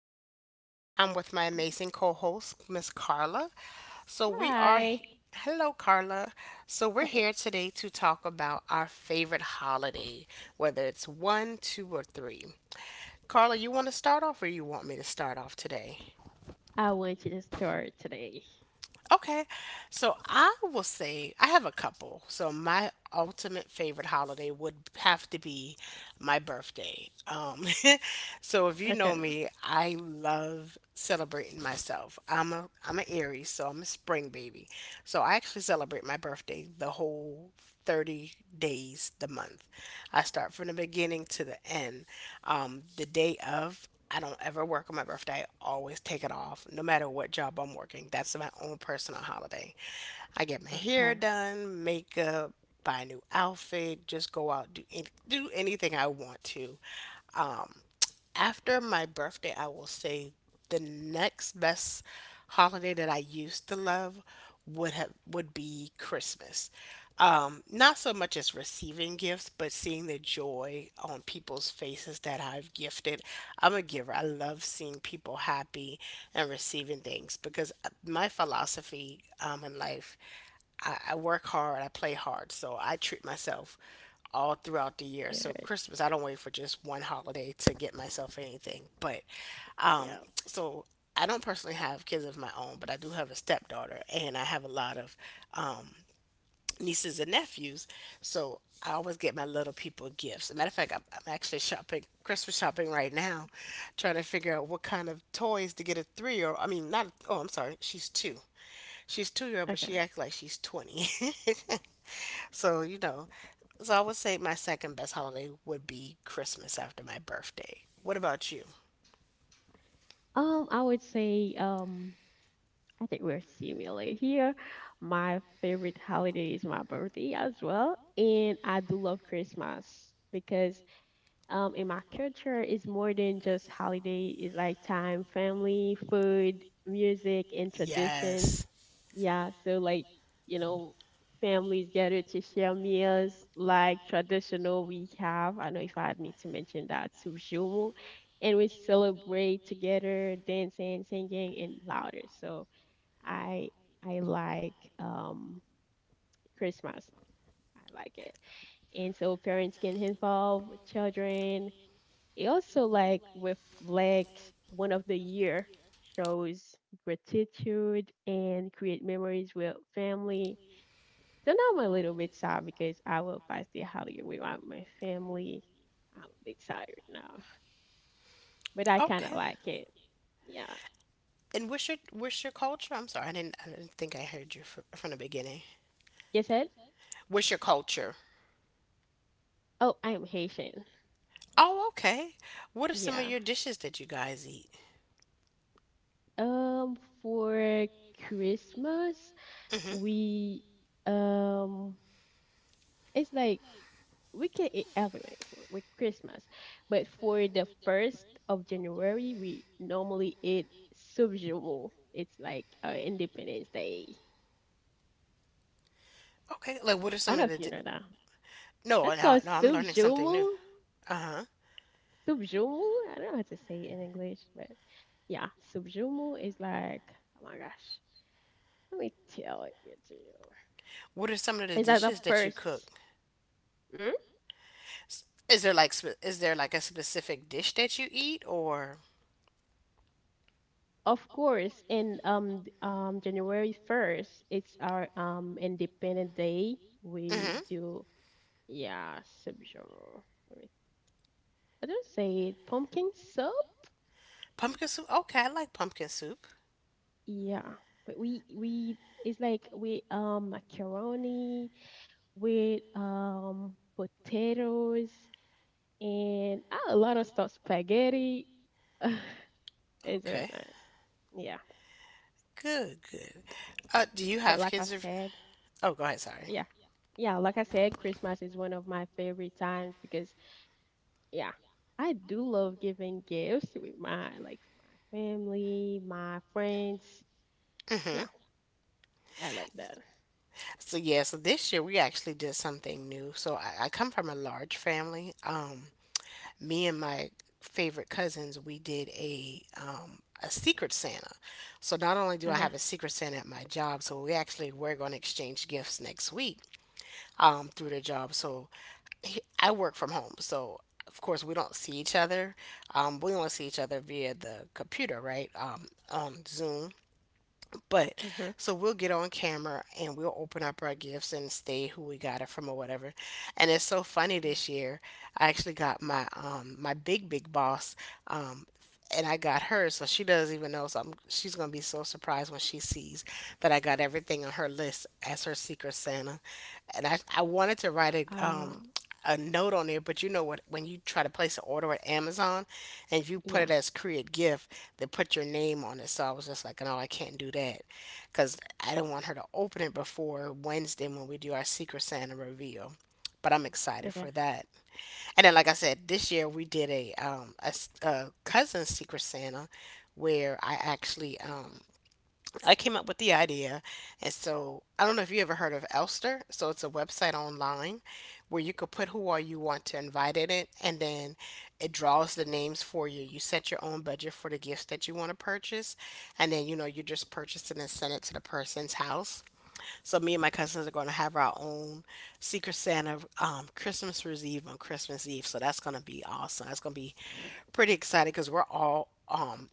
here. I'm with my amazing co host, Miss Carla. So, we are, hi. hello, Carla. So, we're Hi. here today to talk about our favorite holiday, whether it's one, two, or three. Carla, you want to start off or you want me to start off today? I want you to start today. Okay. So I will say I have a couple. So my ultimate favorite holiday would have to be my birthday. So if you Okay, know me, I love celebrating myself. I'm an Aries, so I'm a spring baby. So I actually celebrate my birthday the whole 30 days the month. I start from the beginning to the end. The day of, I don't ever work on my birthday. I always take it off, no matter what job I'm working. That's my own personal holiday. I get my okay, hair done, makeup, buy a new outfit, just go out, do, any, do anything I want to. Um, After my birthday, I will say the next best holiday that I used to love would be Christmas. Not so much as receiving gifts, but seeing the joy on people's faces that I've gifted. I'm a giver. I love seeing people happy and receiving things because my philosophy in life. I work hard, I play hard, so I treat myself all throughout the year. So good. Christmas, I don't wait for just one holiday to get myself anything. But um, Yeah, so I don't personally have kids of my own, but I do have a stepdaughter, and I have a lot of um, nieces and nephews. So I always get my little people gifts. As a matter of fact, I'm actually shopping Christmas shopping right now, trying to figure out what kind of toys to get a 3-year old. I mean, not, oh, I'm sorry, she's two. She's 2-year old, but okay. she acts like she's 20. So, you know, so I would say my second best holiday would be Christmas after my birthday. What about you? I would say, I think we're similar here. My favorite holiday is my birthday as well, and I do love Christmas because in my culture it's more than just holiday. It's like time, family, food, music, and traditions. Yes. Yeah, so like you know, families gather to share meals like traditional we have. I know if I need to mention that subshumu, and we celebrate together, dancing, singing, and louder. So I I like Christmas. I like it. And so parents can involve children. It also like reflects one of the year, shows gratitude and create memories with family. So now I'm a little bit sad because I will pass the holiday without my family. I'm a bit tired now, but I kind of Okay. like it. Yeah. And what's your culture? I'm sorry, I didn't think I heard you from the beginning. You said? What's your culture? Oh, I am Haitian. Oh, okay. What are some of your Yeah. dishes that you guys eat? For Christmas, Hmm. we um, it's like we can eat everything for with Christmas, but for the first of January, we normally eat subjumu. It's like Independence Day. Okay. Like, what are I some don't of know the if you know that. no, That's no, called no? I'm learning something new. subjumu. Uh huh. Subjumu. I don't know how to say it in English, but yeah, subjumu is like oh my gosh. Let me tell it to you. What are some of the It's like the dishes that you cook? first. Mm, Is there like is there like a specific dish that you eat or? of course, and January 1st, it's our independent day. We Mm-hmm. do yeah, subgenre. Wait, I don't say it. Pumpkin soup? Pumpkin soup. Okay, I like pumpkin soup. Yeah. But we it's like we macaroni with potatoes and a lot of stuff, spaghetti. It's very Okay, nice. Yeah. good, good. Do you But have like I kids? Or... said, Oh, go ahead. Sorry. yeah. Yeah, like I said, Christmas is one of my favorite times because yeah, I do love giving gifts with my like my family, my friends. Mm-hmm. Yeah, I like that. So yeah, so this year we actually did something new. So I come from a large family. Me and my favorite cousins, we did a secret Santa. So not only do I Okay. have a secret Santa at my job, so we're going to exchange gifts next week. Through their job. So I work from home. So of course we don't see each other. We only see each other via the computer, right? On Zoom. But Mhm. so we'll get on camera and we'll open up our gifts and state who we got it from or whatever. And it's so funny Yeah. this year. I actually got my my big boss um and I got her, so she doesn't even know. So she's gonna be so surprised when she sees that I got everything on her list as her secret Santa. And I wanted to write Uh a note on there, but you know what? When you try to place an order at Amazon, and if you put yeah. it as create gift, they put your name on it. So I was just like, no, I can't do that, because I do not want her to open it before Wednesday when we do our Secret Santa reveal. But I'm excited for Okay. that. And then, like I said, this year we did a, a cousin Secret Santa, where I actually I came up with the idea. And so I don't know if you ever heard of Elster. So it's a website online where you could put who all you want to invite in it and then it draws the names for you. You set your own budget for the gifts that you want to purchase and then you know you just purchase it and send it to the person's house. So me and my cousins are going to have our own Secret Santa Christmas Eve on Christmas Eve. So that's going to be awesome. That's going to be pretty exciting because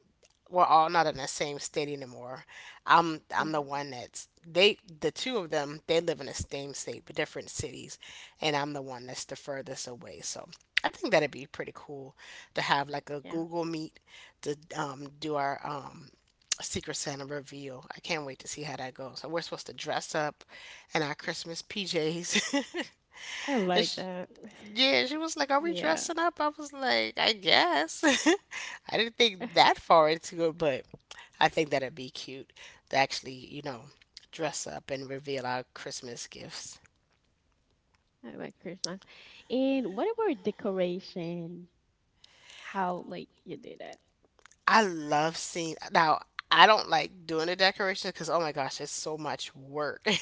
we're all not in the same state anymore. I'm the Mhm. one that's the two of them they live in the same state but different cities, and I'm the one that's the furthest away. So I think that'd be pretty cool to have like a Yeah. Google Meet to do our Secret Santa reveal. I can't wait to see how that goes. And we're supposed to dress up in our Christmas PJs. I and like she, that. yeah, she was like, are we Yeah. dressing up? I was like, I guess. I didn't I think that far into it, but I think that'd be cute to actually, you know, dress up and reveal our Christmas gifts. like Christmas. And what about decoration? How like you do that? I love seeing now. I don't like doing the decoration because oh my gosh, it's so much work and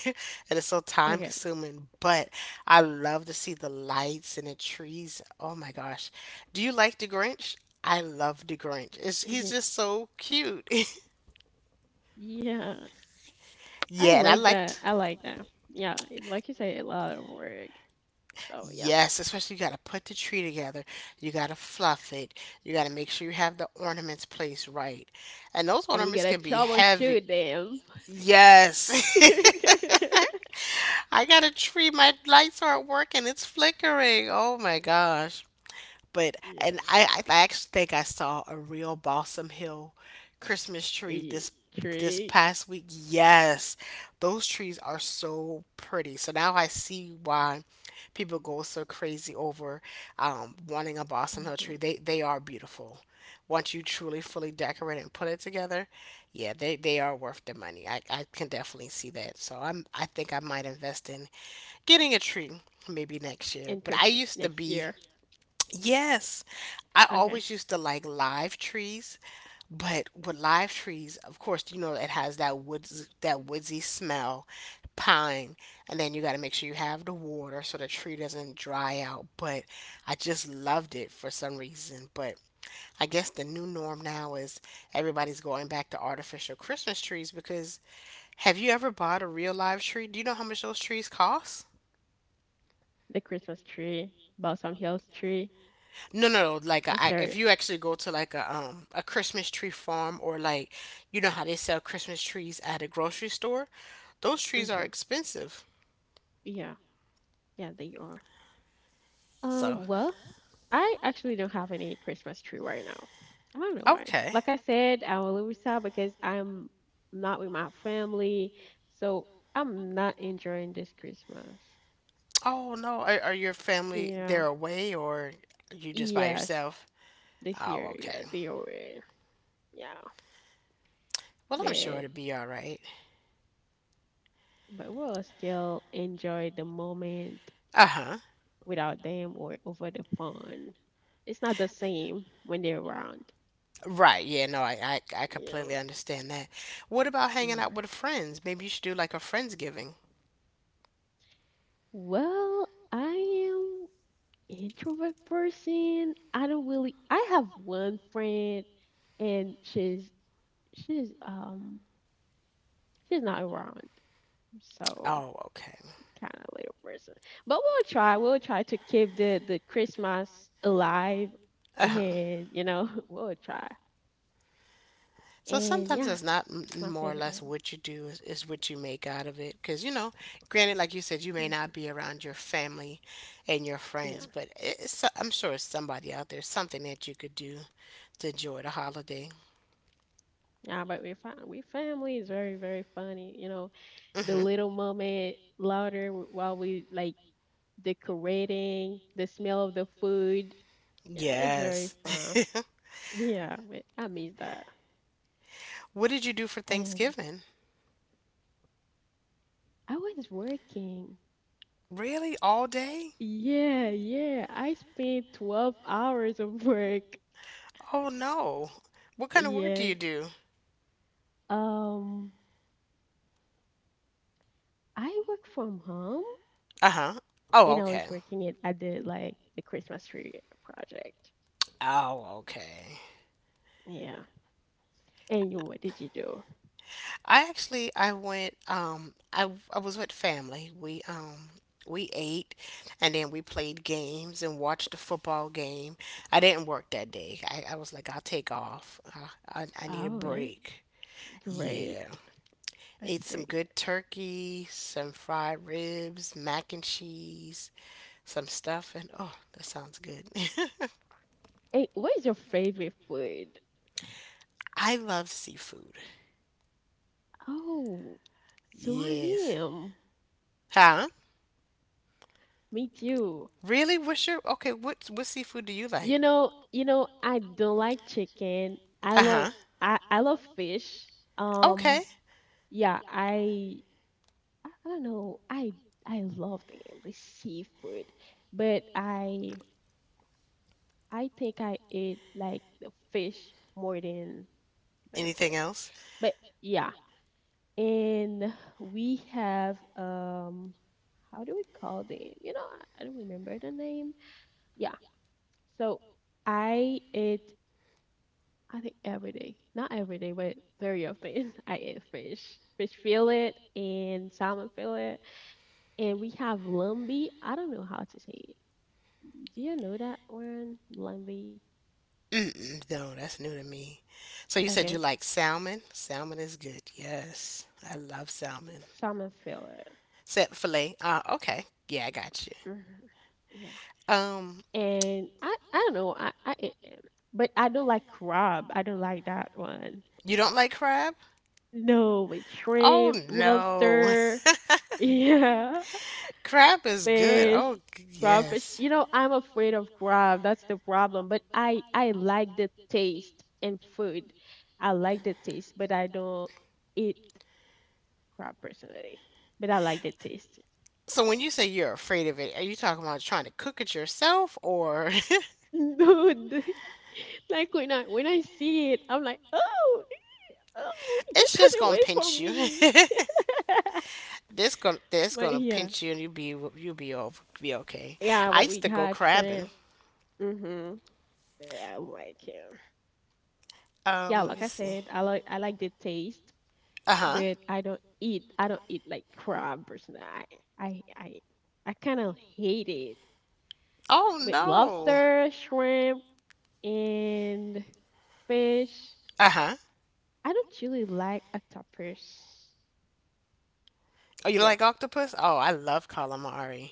it's so time Okay. consuming. But I love to see the lights and the trees. Oh my gosh, do you like the Grinch? I love the Grinch. It's, he's Yeah. just so cute. Yeah. I yeah, and I like that. liked. I like that. Yeah, it, like you say, a lot of work. So yeah, Yes, especially you got to put the tree together. You got to fluff it. You got to make sure you have the ornaments placed right. And those and we ornaments gotta can be heavy. troubleshoot them. Yes. I got a tree. My lights aren't working. It's flickering. Oh my gosh. But, Yeah, and I actually think I saw a real Balsam Hill Christmas tree yeah, this tree. past week. Yes, those trees are so pretty. So now I see why people go so crazy over wanting a Balsam Hill tree. Mm-hmm. They are beautiful. Once you truly fully decorate it and put it together, yeah, they are worth the money. I can definitely see that. So I think I might invest in getting a tree maybe next year. And But I Christmas used to next be, year. yes, I Okay, always used to like live trees. But with live trees, of course, you know it has that woods that woodsy smell, pine, and then you got to make sure you have the water so the tree doesn't dry out. But I just loved it for some reason. But I guess the new norm now is everybody's going back to artificial Christmas trees because have you ever bought a real live tree? Do you know how much those trees cost? the Christmas tree, Balsam Hills tree. No, no, no. Like Yes, a, sir. if you actually go to like a Christmas tree farm or like you know how they sell Christmas trees at a grocery store, those trees are Mm-hmm. expensive. Yeah, yeah, they are. So Well, I actually don't have any Christmas tree right now. I don't know why. okay. Like I said, I will lose out because I'm not with my family, so I'm not enjoying this Christmas. Oh no, are your family Yeah. there away or you just by Yes. yourself? This Oh year, yeah, okay. they already. Yeah. Well, I'm sure But it'll be all right. but we'll still enjoy the moment Uh huh. without them or over the phone. It's not the same when they're around. Right. Yeah. No, I I Yeah. completely understand that. What about hanging Yeah. out with friends? Maybe you should do like a friendsgiving. Well, I am introvert person. I don't really. I have one friend, and she's um she's not around, so Oh okay. kind of little person. But we'll try. We'll try to keep the Christmas alive, Uh huh. and we'll try. So And sometimes yeah, that's not it's my more or favorite less moment. what you do is what you make out of it. Because, you know, granted, like you said, you may not Hmm. be around your family and your Yeah, friends, but it's, I'm sure it's somebody out there, something that you could do to enjoy the holiday. yeah, but we find we family is very very funny. The Hmm. little moment louder while we like decorating, the smell of the food. Yeah, it's very Yes. fun. Yeah, but I miss that. what did you do for And Thanksgiving? I was working. Really? All day? Yeah, yeah. I spent 12 hours of work. Oh, no. What kind of work do Yes. you do? Um, I work from home Uh huh. Oh, and I okay. was working it at the like the Christmas tree project. Oh, okay. Yeah. And you, what did you do? I actually I went I was with family. We ate and then we played games and watched a football game. I didn't work that day. I was like I'll take off. I I need a Oh, that's break. great. Yeah. That's Ate some great. good turkey, some fried ribs, mac and cheese, some stuff and oh, that sounds good. Hey, what is your favorite food? I love seafood. Oh, so I Yes. am. Huh? Me too. Really? What's your okay, what seafood do you like? I don't like chicken. I love Uh-huh. I love fish. Um, Okay. yeah, I don't know. I love them, the seafood. But I think I ate like the fish more than the other Anything part. else? But yeah, and we have how do we call them? I don't remember the name. Yeah, so I eat, I think every day, not every day, but very often. I eat fish, fish fillet and salmon fillet, and we have lambi. I don't know how to say it. Do you know that word, lambi? Mm-mm, no, that's new to me. So you said you Okay, like salmon. Salmon is good. Yes, I love salmon. salmon fillet. Set fillet. Okay. Yeah, I got you. Hmm. Yeah, Um, and I don't know. I eat them, but I don't like crab. I don't like that one. you don't like crab? No, with Oh shrimp, no, lobster. Yeah, crab is good. fish, Oh crawfish. yes. I'm afraid of crab. That's the problem. But I like the taste in food. I like the taste, but I don't eat crab personally. But I like the taste. So when you say you're afraid of it, are you talking about trying to cook it yourself, or Dude, like when I see it, I'm like, oh, oh, get it's that just gonna away pinch from you? me. This gonna this But gonna yeah, pinch you and you'll be over be okay. yeah, I but used we to go had crabbing. shrimp. Mhm. Yeah, I like it. Yeah, Let like me I see. said, I like the taste, Uh huh. but I don't eat. I don't eat like crab or something. I I, I kind of hate it. Oh But no. lobster, shrimp, and fish. Uh huh. I don't really like octopus. Oh, you Yeah. like octopus? Oh, I love calamari.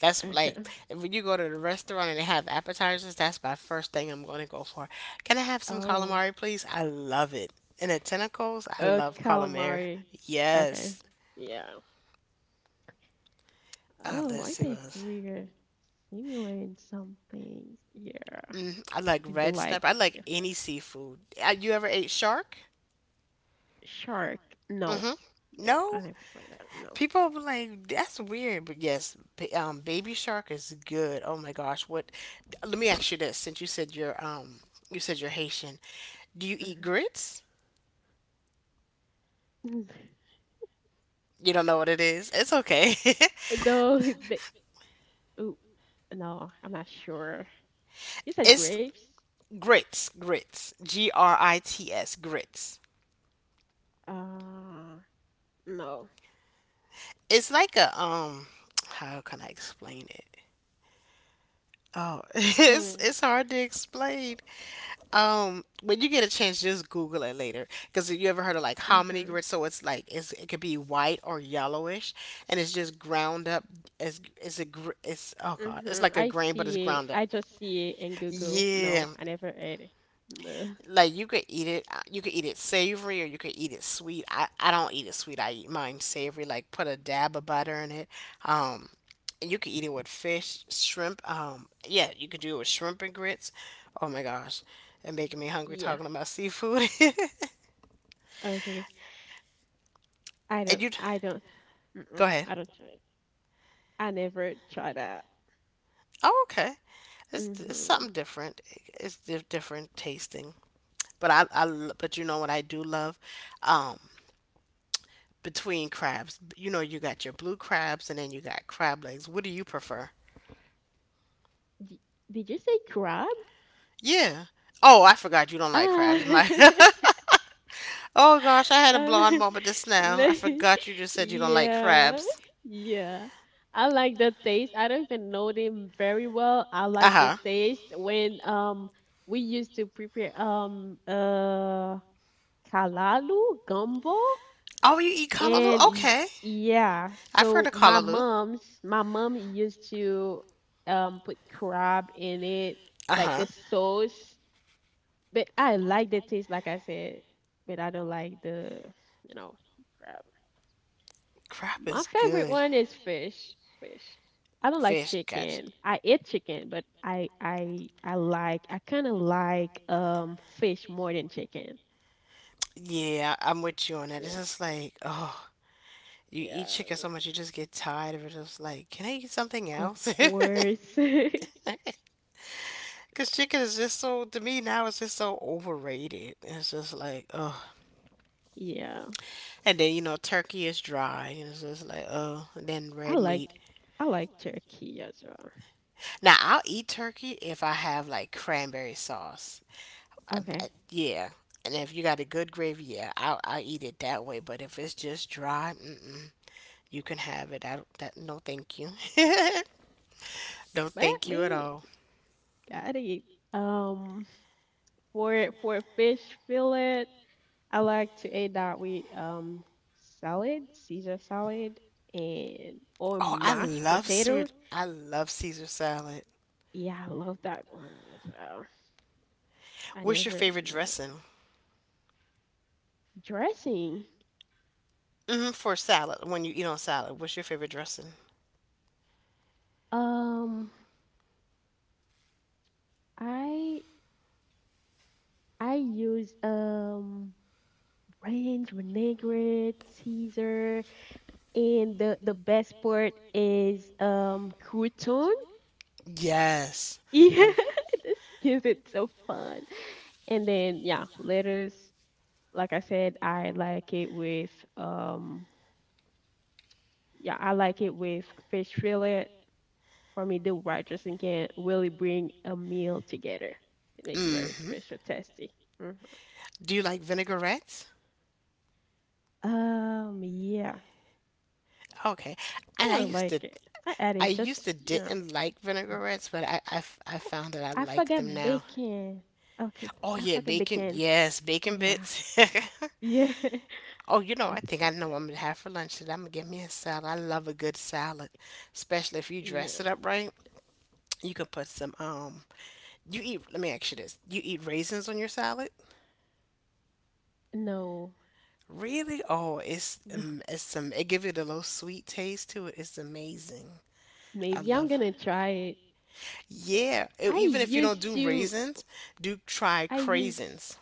That's like Okay. when you go to the restaurant and they have appetizers. That's my first thing I'm gonna go for. Can I have some Oh. calamari, please? I love it. And the tentacles, I love calamari. Calamari. Okay. Yes. Yeah. Oh, Let's I see what think else. we're similar in some things. Yeah. Mm, I like We do red like snapper. I like seafood. any seafood. You ever ate shark? Shark. No. Mm-hmm. Never. I No, never played that. people were like, that's weird, but yes, Baby Shark is good. Oh my gosh, what? Let me ask you this: since you said you're Haitian, do you No. eat grits? Mhm. You don't know what it is? It's okay. No, they, ooh, no, I'm not sure. You said It's grapes? grits, G R I T S, grits. Uh, no. It's like a how can I explain it? Oh, Damn. That it's means. hard to explain. When you get a chance, just Google it later. Because if you ever heard of like hominy Mhm. grits? So it could be white or yellowish, and it's just ground up. It's oh god, it's Mhm. like a I grain, but it's see it. ground up. I just see it in Google. Yeah, No, I never ate it. No. like you could eat it you could eat it savory or you could eat it sweet I don't eat it sweet. I eat mine savory, like put a dab of butter in it. um and you could eat it with fish, shrimp. Yeah, you could do it with shrimp and grits. Oh my gosh, and making me hungry Yeah. talking about seafood. Okay. I And don't. you I don't. go Mm-mm, ahead. I don't try it. I never try that. Oh, okay. It's Mhm. something different. It's different tasting. But but you know what I do love? um Between crabs. You know, you got your blue crabs and then you got crab legs. What do you prefer? D- Did you say crab? Yeah. Oh, I forgot you don't like Ah. crabs. My Oh gosh, I had a blonde moment just now. I Like, forgot you just said you don't like yeah, crabs. yeah. I like the taste. I don't even know them very well. I like the Uh-huh. taste when we used to prepare kalalu gumbo Oh, you eat callaloo? and Okay. yeah. I've heard So of my callaloo. mom's my mom used to put crab in it like Uh-huh. a sauce, but I like the taste like I said, but I don't like the you know crab. Crab is My favorite good. one is fish. Fish. I don't like Fish, gotcha. chicken. I eat chicken, but I kind of like fish more than chicken. Yeah, I'm with you on that. It's Yeah. just like, oh, you eat Yeah. chicken so much, you just get tired of it. It's like, can I eat something Of else? course. Because chicken is just so, to me now, it's just so overrated. It's just like, oh. yeah. And then, you know, turkey is dry. And it's just like, oh. And then I red like meat. I like turkey as well. Now, I'll eat turkey if I have like cranberry sauce. Okay. Yeah. And if you got a good gravy, yeah, I'll eat it that way. But if it's just dry, mm-mm. You can have it. I don't, that, No, thank you. No, But thank you at me all. gotta eat. Um for fish fillet, I like to eat that with salad, Caesar salad and or Oh, I mashed love potato. sweet. I love Caesar salad. Yeah, I love that one as well. I What's your never, favorite never dressing? dressing. Hmm, for salad, when you eat on salad, what's your favorite dressing? Um, I I use ranch, vinaigrette, Caesar, and the best part is crouton. Yes. Yeah, this gives it so fun. And then yeah, lettuce. Like I said, um yeah, I like it with fish fillet. For me, the writers and can really bring a meal together. It makes very Hmm. special tasty. Hmm. Do you like vinaigrettes? Yeah, Okay. And kind of like it. I I added used to just. didn't like vinaigrettes, but I Oh, found that I I like forgot them now. bacon. Okay, Oh I yeah, forgot bacon. bacon. Yes, bacon Yeah, bits. yeah. Oh, you know, I I think I forget know what that. I'm gonna have for lunch today. I'm gonna get me a salad. I love a good salad, especially if you dress Yeah. it up right. You could put some you eat let me ask you this. You eat raisins on your salad? No, Really? Oh, no. It gives it a little sweet taste to it. It's amazing. I Maybe I'm love. gonna try it. Yeah, I even if you don't used do to. raisins, do try I used. craisins.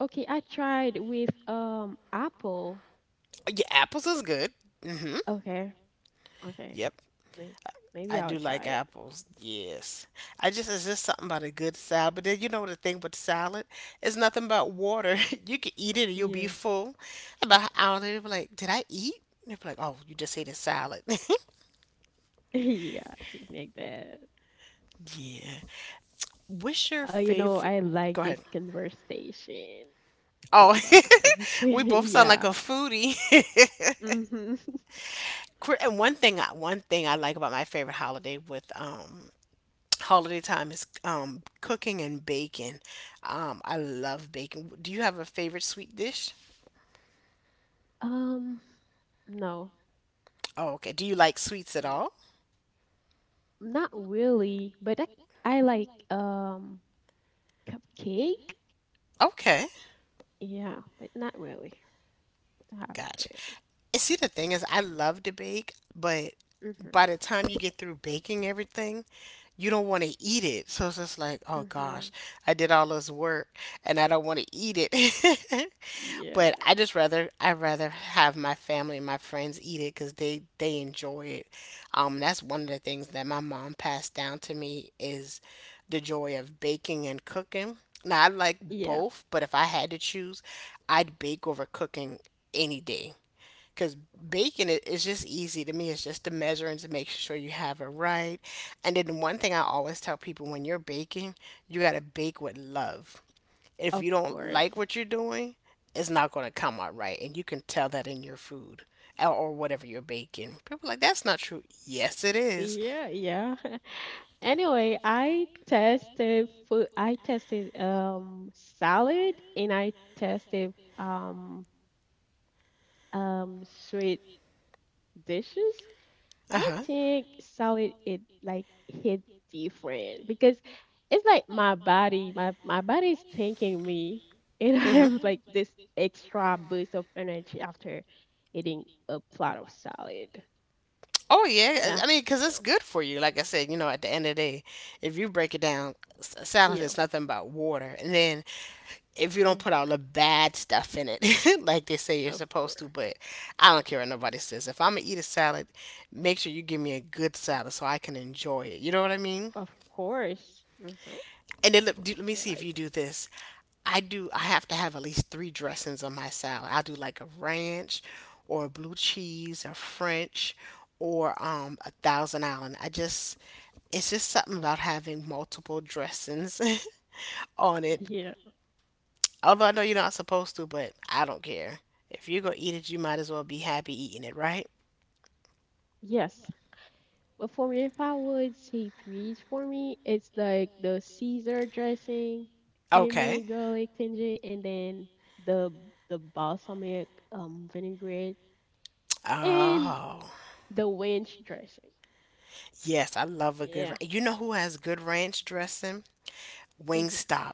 Okay, I tried with apple. Yeah, apples is good. Mhm. Okay. Okay. Yep. May- Maybe I I'll do try like it. apples. Yes. I just, it's just something about a good salad. But then you know the thing with salad, it's nothing but water. You can eat it and you'll be Yeah. full. About an hour later, be like, did I eat? And they'll be like, oh, you just ate a salad. Yeah, like that. Yeah. What's your favorite? I like Go this ahead. conversation. Oh, Talking about my favorite we food. both sound like Yeah. a foodie. Hmm. And one thing I like about my favorite holiday with holiday time is cooking and baking. I love baking. Do you have a favorite sweet dish? Um, no, Oh, okay. Do you like sweets at no, all? not really. But I like cupcake. Okay, Yeah, but not really. I have gotcha. a And see, the thing is, I love to bake, but favorite. by Mhm. the time you get through baking everything, you don't want to eat it. So it's just like, oh gosh, Mhm. I did all this work and I don't want to eat it. Yeah. But I rather have my family and my friends eat it because they enjoy it. That's one of the things that my mom passed down to me is the joy of baking and cooking. Now I like Yeah. both, but if I had to choose, I'd bake over cooking any day. Cause baking it is just easy to me. It's just the measuring to make sure you have it right. And then one thing I always tell people, when you're baking, you gotta bake with love. If Of you don't like course. what you're doing, it's not going to come out right. And you can tell that in your food or whatever you're baking. People are like, that's not true. Yes, it is. Yeah, yeah. Anyway, I tested food. I tested salad and I tested um sweet dishes. Uh I huh. think salad it like hit different because it's like my body, my body's thanking me, and I have like Hmm. this extra boost of energy after eating a plate of salad. Oh, yeah. Yeah, I mean, because it's yeah, good for you. Like I said, you know, at the end of the day, if you break it down, salad yeah. is nothing but water. And then if you Hmm. don't put all the bad stuff in it, like they say you're Of supposed course. to, but I don't care what nobody says. If I'm going to eat a salad, make sure you give me a good salad so I can enjoy it. You know what I mean? Of course. Mm-hmm. And then let me Yeah, see if like you do this. I do. I have to have at least three dressings on my salad. I'll do like a ranch, or a blue cheese, or French, or a Thousand Island. I just, it's just something about having multiple dressings on it. yeah. Although I know you're not supposed to, but I don't care. If you're gonna eat it, you might as well be happy eating it, right? Yes. But for me, if I would say threes for me, it's like the Caesar dressing, Okay. creamy garlic tinge, and then the the balsamic vinaigrette and Oh, the wench dressing. yes, I love a good. Yeah. You know who has good ranch dressing? Hmm. Wingstop.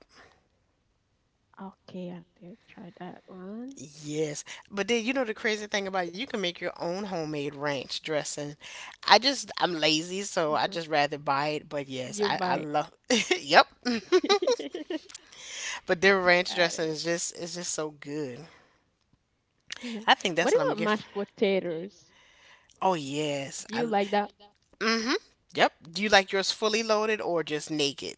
Okay, I did try that one. Yes, but then you know the crazy thing about it, you can make your own homemade ranch dressing. I'm lazy, so I Hmm. just rather buy it. But yes, You I bite. love. Yep. But their ranch Got dressing it. is just so good. Yeah. I think that's What what I'm gonna about get. For, mashed potatoes? oh yes. Do I. you like that? Mm-hmm. Yep. Do you like yours fully loaded or just naked?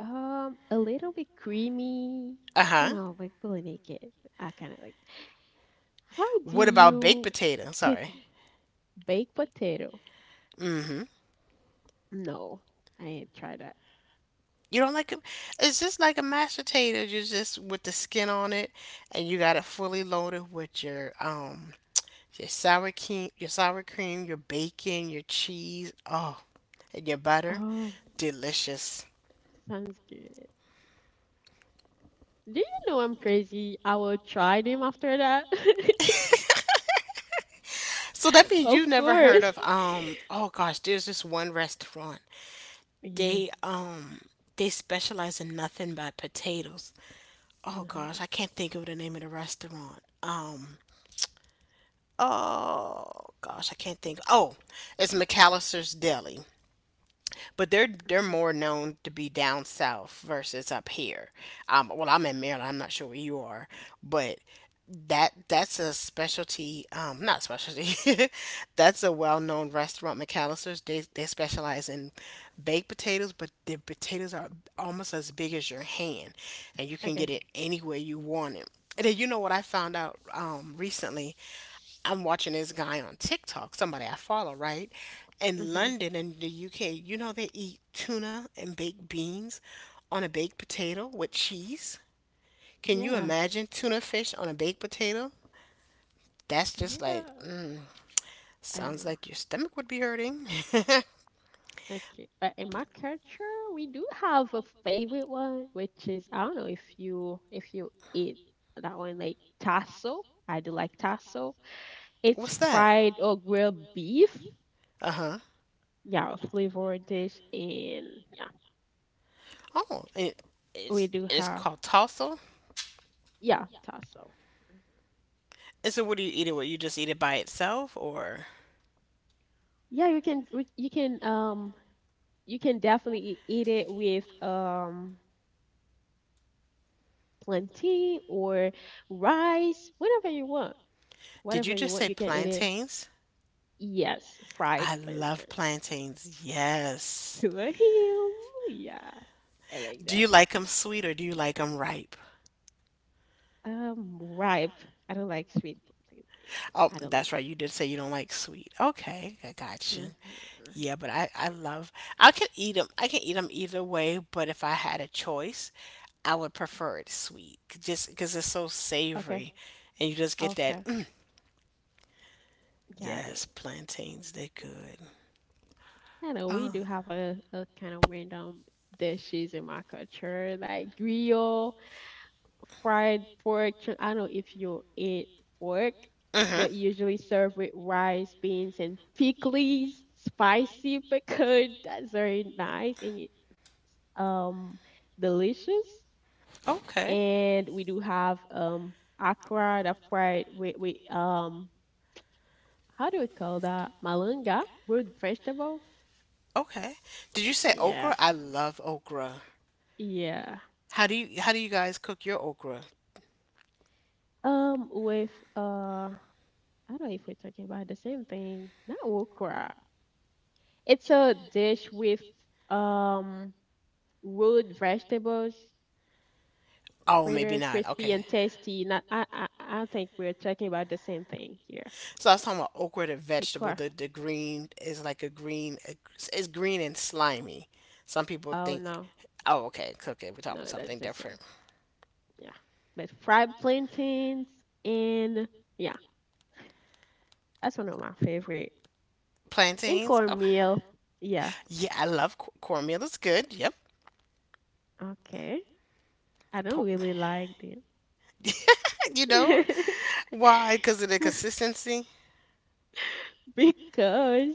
A little bit creamy. Uh I don't huh. know, but fully naked. I kind of like. How do What about baked you potato? cook Sorry. baked potato? Mm-hmm. No, I ain't try that. You don't like it. It's just like a mashed potato. You just with the skin on it, and you got it fully loaded with your your sour cream, your bacon, your cheese, oh, and your butter. Oh, Delicious. sounds good. Do you know I'm crazy? I will try them after that. So that means you've Of never heard course. of um oh gosh, there's this one restaurant. Yeah. They um they specialize in nothing but potatoes. Oh No. gosh, I can't think of the name of the restaurant. Oh gosh, I can't think. Oh, it's McAllister's Deli. But they're Mhm. more known to be down south versus up here. Well, I'm in Maryland. I'm not sure where you are, but that's a specialty not specialty that's a well-known restaurant. McAllister's, they specialize in baked potatoes, but the potatoes are almost as big as your hand, and you can Okay. get it any way you want it. And then you know what I found out recently, I'm watching this guy on TikTok, somebody I follow, right, in Hmm. London, and the UK, you know they eat tuna and baked beans on a baked potato with cheese. Can you Yeah. imagine tuna fish on a baked potato? That's just like, Yeah. mm, I don't sounds know. like your stomach would be hurting. Okay. In my culture, we do have a favorite one, which is I don't know if you eat that one like tasso. I do like tasso. It's What's that? fried or grilled beef. Uh huh. Yeah, a flavor dish, and yeah, Oh, we do it's have called tassel. yeah tasso. Mhm. And so, what do you eat it with? You just eat it by itself, or Yeah, you can we- you can definitely eat it with plantain or rice, whatever you want. did Whatever you you just want, say you can eat it. plantains? Yes, fried I love plantains plantains. Yes. to a hill. Yeah, I like Do you that. like them sweet or do you like them ripe? Ripe. I don't like sweet plantain. Oh, I don't like. that's right. You did say you don't like sweet. Okay, I got you. Hmm. Yeah, but I love. I can eat them. I can eat them either way. But if I had a choice, I would prefer it sweet, just because it's so Okay, savory, and you just get that. okay, "Mm." got Yes, it. plantains, they good. I know we Oh. do have a kind of random dishes in my culture, like grill, fried pork. I don't know if you eat pork, Mhm. but usually served with rice, beans, and pickles, spicy pickled. That's very nice, and um, delicious. Okay. And we do have akra that fried with how do we call that? Malunga, root vegetable. Okay. Did you say okra? Yeah, I love okra. yeah. How do you guys cook your okra? With uh, I don't know if we're talking about the same thing. Not okra. It's a dish with um root vegetables, Oh, maybe fritters, not. crispy Okay. and tasty. Not, I don't think we're talking about the same thing here. So I was talking about okra, the vegetable. Okra. The green is like a green. It's green and slimy. Some people Oh think. no, Oh, okay, okay. We're talking no, about that's something the same. different. Yeah, but fried plantains and yeah, that's one of my favorite. And Plantains. Oh, cornmeal, yeah, yeah. I love cornmeal. It's good. Yep. okay. I don't Po- really like you know them why? Because of the consistency. because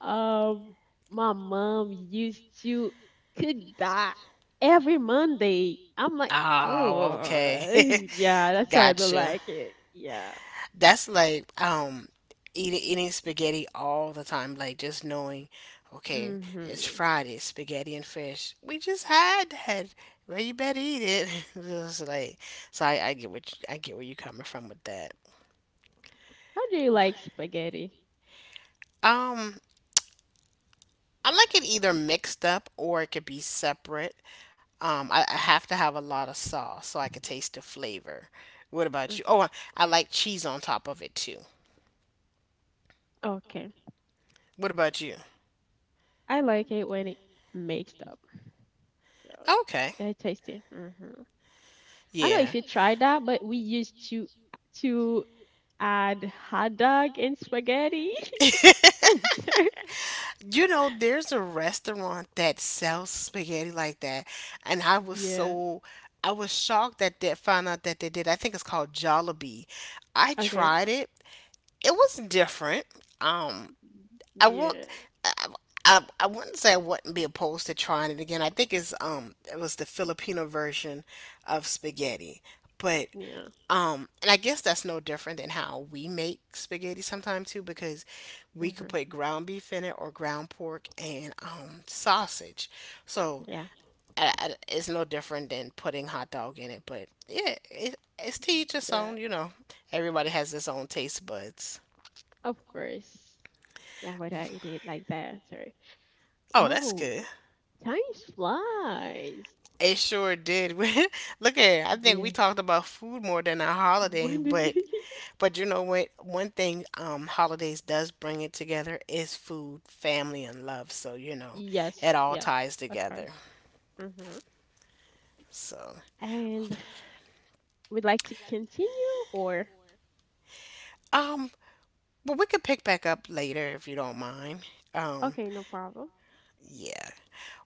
um my mom used to cook that every Monday. I'm like, Oh, okay. oh yeah, that's why I don't Gotcha. like it. Yeah. That's like eating spaghetti all the time, like just knowing, okay, it's Hmm. Friday, spaghetti and fish. We just had that. Well, you better eat it. Just like so I get what you, I get where you coming from with that. How do you like spaghetti? Um I like it either mixed up or it could be separate. I have to have a lot of sauce so I could taste the flavor. What about you? Okay. I like cheese on top of it too. Okay. What about you? I like it when it mixed up. So Okay. yeah, it's tasty. Hmm. I don't know Yeah. if you tried that, but we used to add hot dog and spaghetti. And You know, there's a restaurant that sells spaghetti like that, and I was yeah. so I was shocked that they found out that they did. I think it's called Jollibee. I Okay. tried it. It was different. Um, I won't. Yeah. I, I wouldn't say I wouldn't be opposed to trying it again. I think it's it was the Filipino version of spaghetti, but Yeah. And I guess that's no different than how we make spaghetti sometimes too, because we could Hmm. put ground beef in it or ground pork and sausage, so Yeah. It's no different than putting hot dog in it. But yeah, it's to each its Yeah. own. You know, everybody has its own taste buds. Of course. Yeah, but I eat it like that. Sorry. Oh, that's Oh, good. Time flies. It sure did. Look at it. I think Yeah. we talked about food more than our holiday, When did they? but you know what? One thing holidays does bring it together is food, family, and love. So, you know, it Yes. all Yes. ties That's together. her. Hmm. So, And would like to continue or um, but we could pick back up later if you don't mind. Um, okay, no problem. yeah.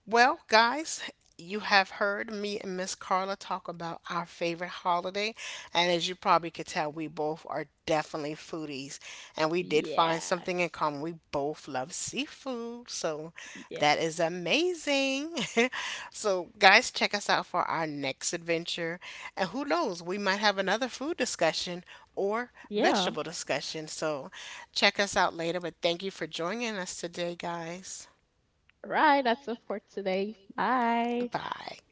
Well, guys, you have heard me and Miss Carla talk about our favorite holiday, and as you probably could tell, we both are definitely foodies, and we did find something in Yes. common. We both love seafood, so Yes. that is amazing. So, guys, check us out for our next adventure, and who knows, we might have another food discussion or Yeah. vegetable discussion. So, check us out later, but thank you for joining us today, guys. All right, that's it for today. Bye. Bye.